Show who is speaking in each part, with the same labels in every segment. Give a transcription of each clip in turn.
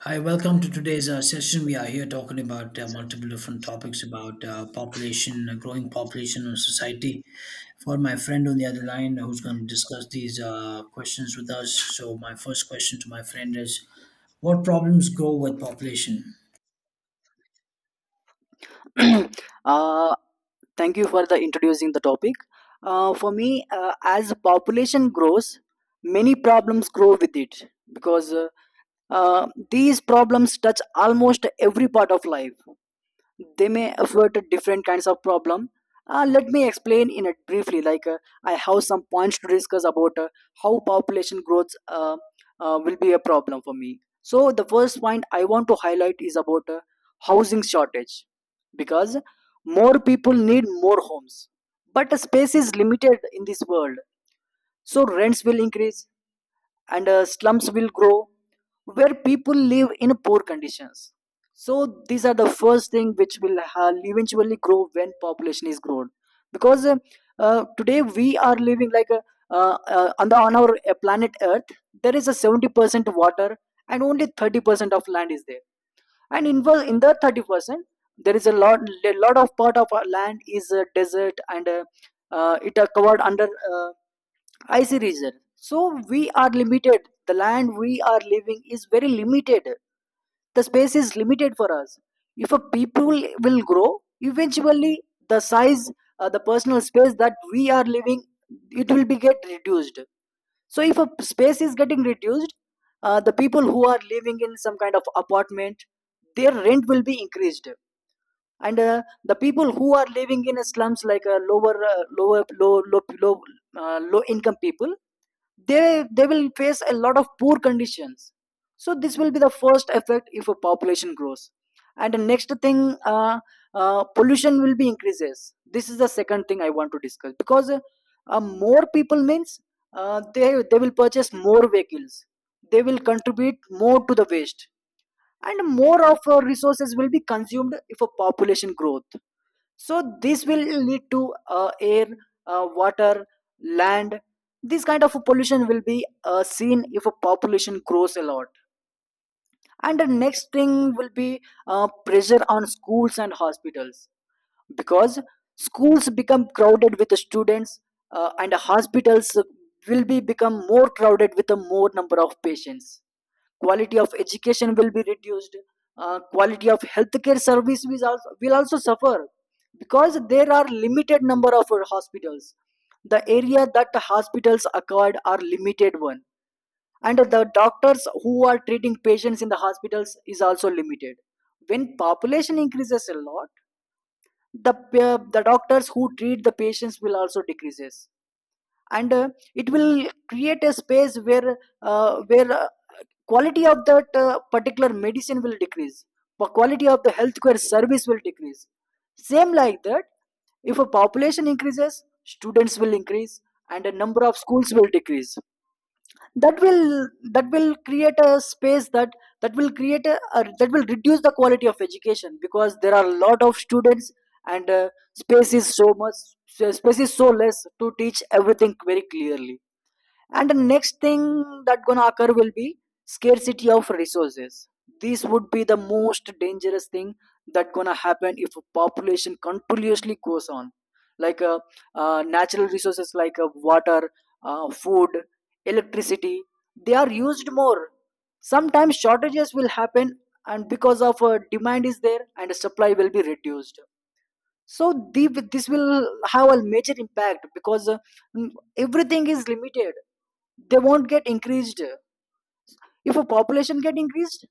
Speaker 1: Hi, welcome to today's session. We are here talking about multiple different topics about population, growing population in society. For my friend on the other line who's going to discuss these questions with us. So, my first question to my friend is, what problems grow with population?
Speaker 2: uh, Thank you for the introducing the topic. For me, as population grows, many problems grow with it because these problems touch almost every part of life. They may afford different kinds of problem. Let me explain in it briefly. I have some points to discuss about how population growth will be a problem for me. So the first point I want to highlight is about housing shortage, because more people need more homes, but the space is limited in this world, so rents will increase, and slums will grow where people live in poor conditions. So these are the first thing which will eventually grow when population is grown. Because today we are living like a, on the on our planet earth, there is a 70% water and only 30% of land is there. And in, wo- in the 30% there is a lot of part of our land is desert, and it are covered under I see reason. So we are limited. The land we are living is very limited. The space is limited for us. If a people will grow, eventually the size, the personal space that we are living, it will be get reduced. So if a space is getting reduced, the people who are living in some kind of apartment, their rent will be increased. And the people who are living in slums, like lower lower low low low, low income people, they will face a lot of poor conditions. So this will be the first effect if a population grows. And the next thing, pollution will be increases. This is the second thing I want to discuss, because more people means they will purchase more vehicles, they will contribute more to the waste, and more of resources will be consumed if a population growth. So this will lead to air, water, land, this kind of pollution will be seen if a population grows a lot. And the next thing will be pressure on schools and hospitals, because schools become crowded with the students, and the hospitals will be become more crowded with a more number of patients. Quality of education will be reduced. Quality of healthcare service will also suffer, because there are limited number of hospitals, the area that the hospitals acquired are limited one, and the doctors who are treating patients in the hospitals is also limited. When population increases a lot, the the doctors who treat the patients will also decreases. And it will create a space where quality of that particular medicine will decrease, the quality of the healthcare service will decrease. Same like that, if a population increases students will increase, and the number of schools will decrease. That will create a space that that will create a that will reduce the quality of education because there are a lot of students, and space is so much, space is so less to teach everything very clearly. And the next thing that gonna occur will be scarcity of resources. This would be the most dangerous thing that gonna happen if population continuously goes on. Like natural resources like water, food, electricity, they are used more, sometimes shortages will happen, and because of demand is there and supply will be reduced. So this will have a major impact, because everything is limited, they won't get increased. If a population get increased,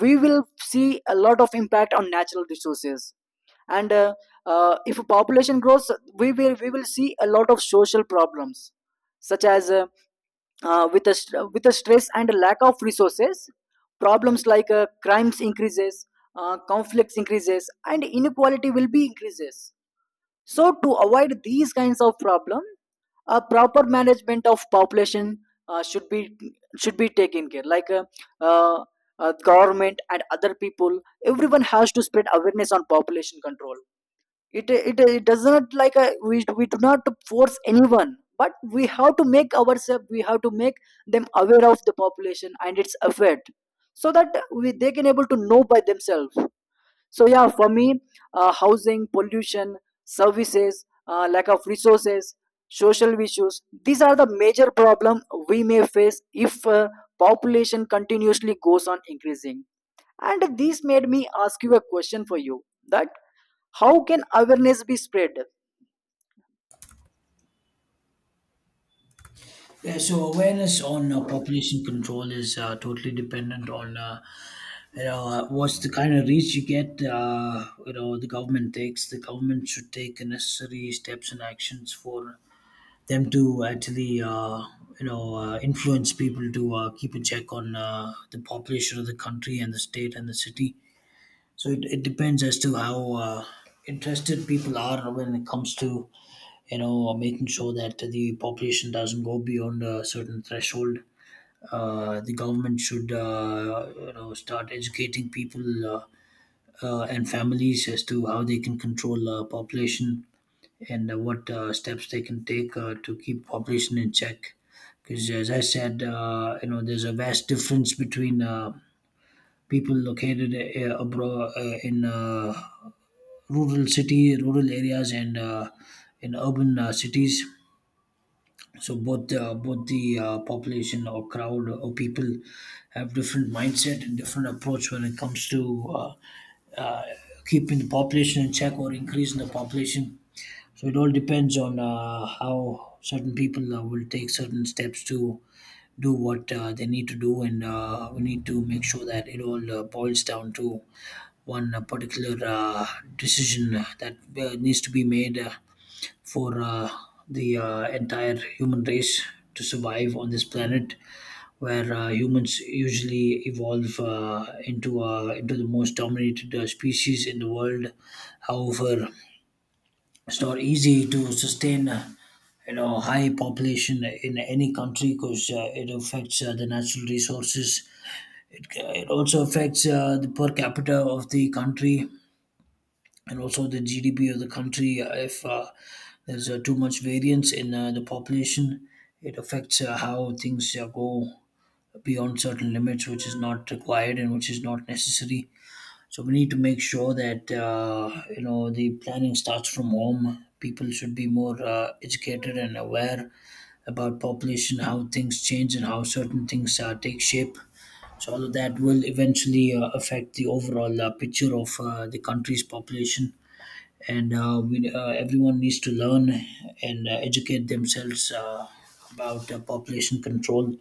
Speaker 2: we will see a lot of impact on natural resources. And if a population grows, we will see a lot of social problems, such as with a with a stress and a lack of resources, problems like crimes increases, conflicts increases, and inequality will be increases. So to avoid these kinds of problem, a proper management of population uh, should be should be taken care. Like uh, government and other people, everyone has to spread awareness on population control. It does not like we do not force anyone, but we have to make ourselves, we have to make them aware of the population and its effect, so that we they can able to know by themselves. So yeah, for me, housing, pollution, services, lack of resources, social issues, these are the major problem we may face if population continuously goes on increasing. And this made me ask you a question for you, that how can awareness be spread?
Speaker 1: Yeah, so awareness on population control is totally dependent on you know what's the kind of reach you get. You know the government takes. The government should take the necessary steps and actions for them to actually you know influence people to keep a check on the population of the country and the state and the city. So it depends as to how interested people are when it comes to you know making sure that the population doesn't go beyond a certain threshold. The government should you know start educating people and families as to how they can control population and what steps they can take to keep population in check. Because as I said, you know, there's a vast difference between people located abroad in rural city, rural areas, and in urban cities. So both both the population or crowd or people have different mindset and different approach when it comes to uh, keeping the population in check or increasing the population. So it all depends on how certain people will take certain steps to do what they need to do, and we need to make sure that it all boils down to one particular decision that needs to be made for the entire human race to survive on this planet, where humans usually evolve into into the most dominated species in the world. However, it's not easy to sustain, you know, high population in any country because it affects the natural resources. It, it also affects the per capita of the country and also the GDP of the country. If there's too much variance in the population, it affects how things go beyond certain limits, which is not required and which is not necessary. So we need to make sure that you know the planning starts from home. People should be more educated and aware about population, how things change, and how certain things take shape. So all of that will eventually affect the overall picture of the country's population, and we, everyone needs to learn and educate themselves about population control,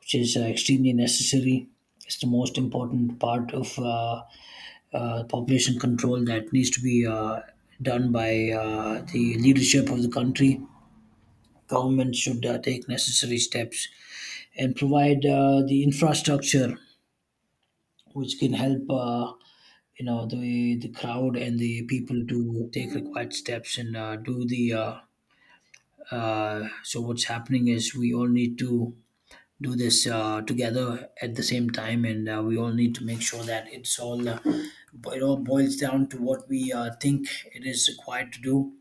Speaker 1: which is extremely necessary. It's the most important part of. Population control that needs to be done by the leadership of the country. Government should take necessary steps and provide the infrastructure which can help you know the crowd and the people to take required steps and do the so what's happening is we all need to do this together at the same time, and we all need to make sure that it's all it all boils down to what we think it is required to do,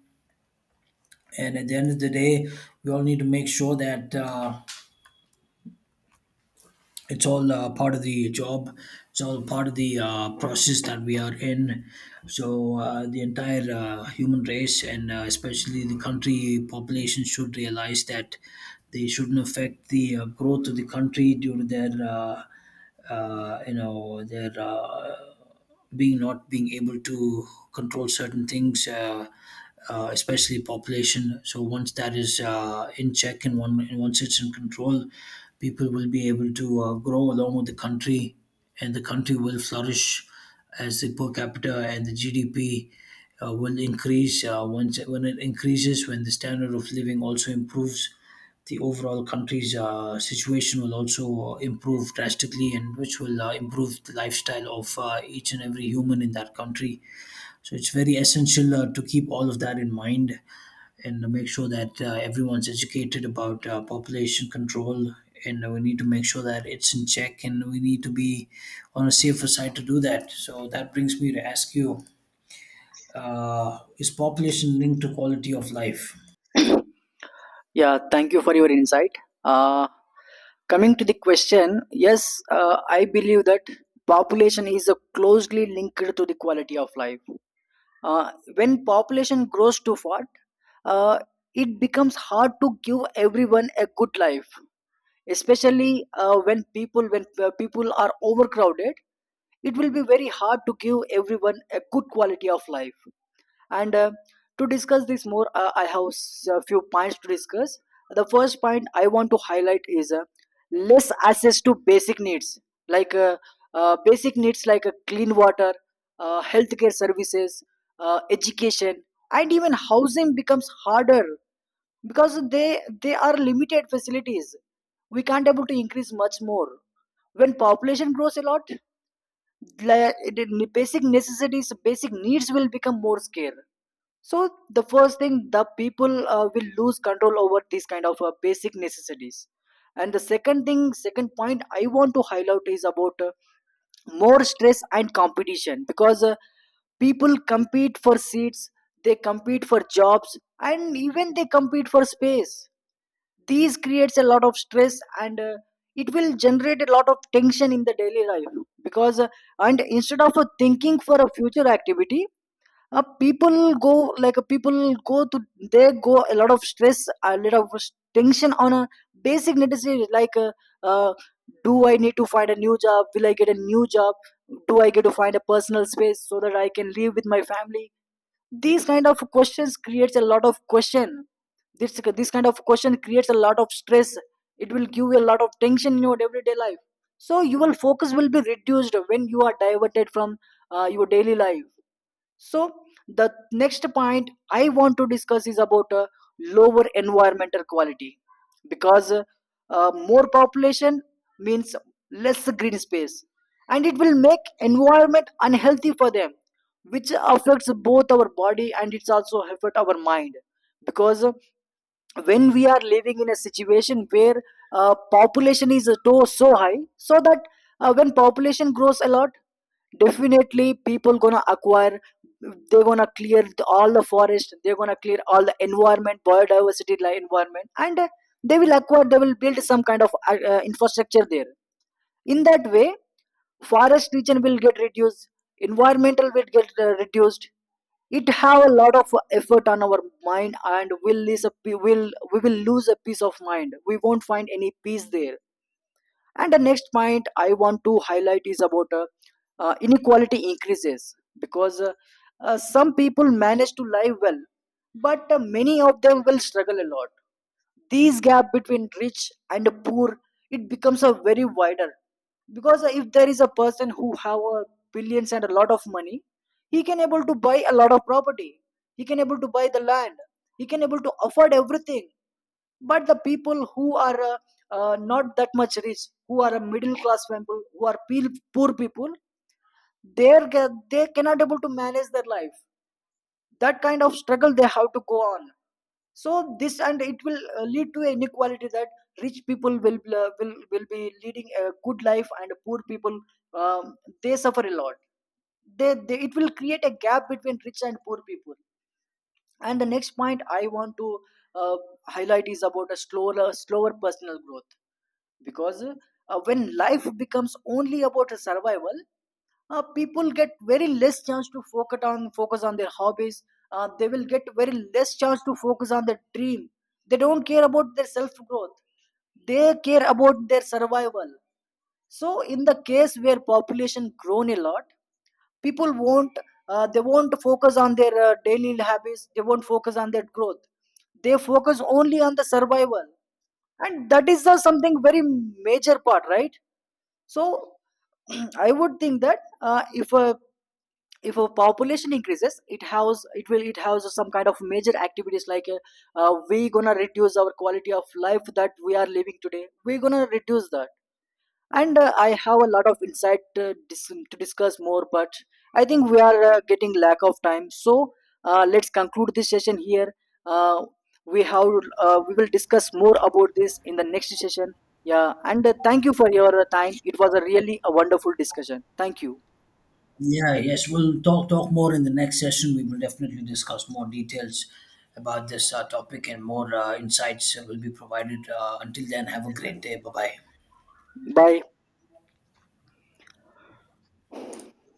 Speaker 1: and at the end of the day we all need to make sure that it's all part of the job, it's all part of the process that we are in. So the entire human race and especially the country population should realize that they shouldn't affect the growth of the country due to their you know their being not being able to control certain things, especially population. So once that is in check and one and once it's in control, people will be able to grow along with the country, and the country will flourish as the per capita and the GDP. Will increase once when it increases when the standard of living also improves, the overall country's situation will also improve drastically, and which will improve the lifestyle of each and every human in that country. So it's very essential to keep all of that in mind and make sure that everyone's educated about population control, and we need to make sure that it's in check and we need to be on a safer side to do that. So that brings me to ask you, is population linked to quality of life?
Speaker 2: Yeah, thank you for your insight. uh, Coming to the question, yes, I believe that population is closely linked to the quality of life. When population grows too fast, uh, it becomes hard to give everyone a good life. Especially when people are overcrowded, it will be very hard to give everyone a good quality of life. And to discuss this more, I have a few points to discuss. The first point I want to highlight is less access to like uh, basic needs like clean water, healthcare services, education, and even housing becomes harder, because they are limited facilities. We can't able to increase much more when population grows a lot. The basic necessities, basic needs will become more scarce. So the first thing, the people will lose control over these kind of basic necessities. And the second thing, second point I want to highlight is about more stress and competition, because people compete for seats, they compete for jobs, and even they compete for space. These creates a lot of stress and it will generate a lot of tension in the daily life. Because and instead of thinking for a future activity, people go people go to, they go a lot of stress, a lot of tension on a basic necessity, like uh, do I need to find a new job, will I get a new job, do I get to find a personal space so that I can live with my family. These kind of questions creates a lot of question. This kind of question creates a lot of stress, it will give you a lot of tension in your everyday life. So your focus will be reduced when you are diverted from your daily life. So the next point I want to discuss is about lower environmental quality, because more population means less green space, and it will make environment unhealthy for them, which affects both our body and it's also affect our mind. Because when we are living in a situation where population is so so high, so that when population grows a lot, definitely people gonna acquire, they're gonna clear all the forest, they're gonna clear all the environment biodiversity like environment, and they will build some kind of infrastructure there. In that way, forest region will get reduced, environmental will get reduced. It have a lot of effort on our mind, and will lose a pe- will we will lose a peace of mind, we won't find any peace there. And the next point I want to highlight is about inequality increases, because some people manage to live well, but many of them will struggle a lot. This gap between rich and poor, it becomes a very wider, because if there is a person who have a billions and a lot of money, he can able to buy a lot of property. He can able to buy the land. He can able to afford everything. But the people who are not that much rich, who are a middle class people, who are poor people, they cannot able to manage their life, that kind of struggle they have to go on. So this, and it will lead to inequality, that rich people will be leading a good life, and poor people, um, they suffer a lot. They it will create a gap between rich and poor people. And the next point I want to uh, highlight is about a slower personal growth, because when life becomes only about survival, people get very less chance to focus on their hobbies, they will get very less chance to focus on their dream. They don't care about their self growth, they care about their survival. So in the case where population grown a lot, people won't they won't focus on their daily habits, they won't focus on their growth, they focus only on the survival. And that is something very major part, right? So I would think that if a population increases, it will it has some kind of major activities, like we gonna reduce our quality of life that we are living today. We gonna reduce that. And I have a lot of insight to discuss more, but I think we are getting lack of time. So let's conclude this session here. uh, we have, we will discuss more about this in the next session. Yeah, and thank you for your time. It was a really a wonderful discussion. Thank you.
Speaker 1: Yeah, yes, we'll talk more in the next session. We will definitely discuss more details about this topic and more insights will be provided. Until then, have a great day. Bye bye.
Speaker 2: Bye.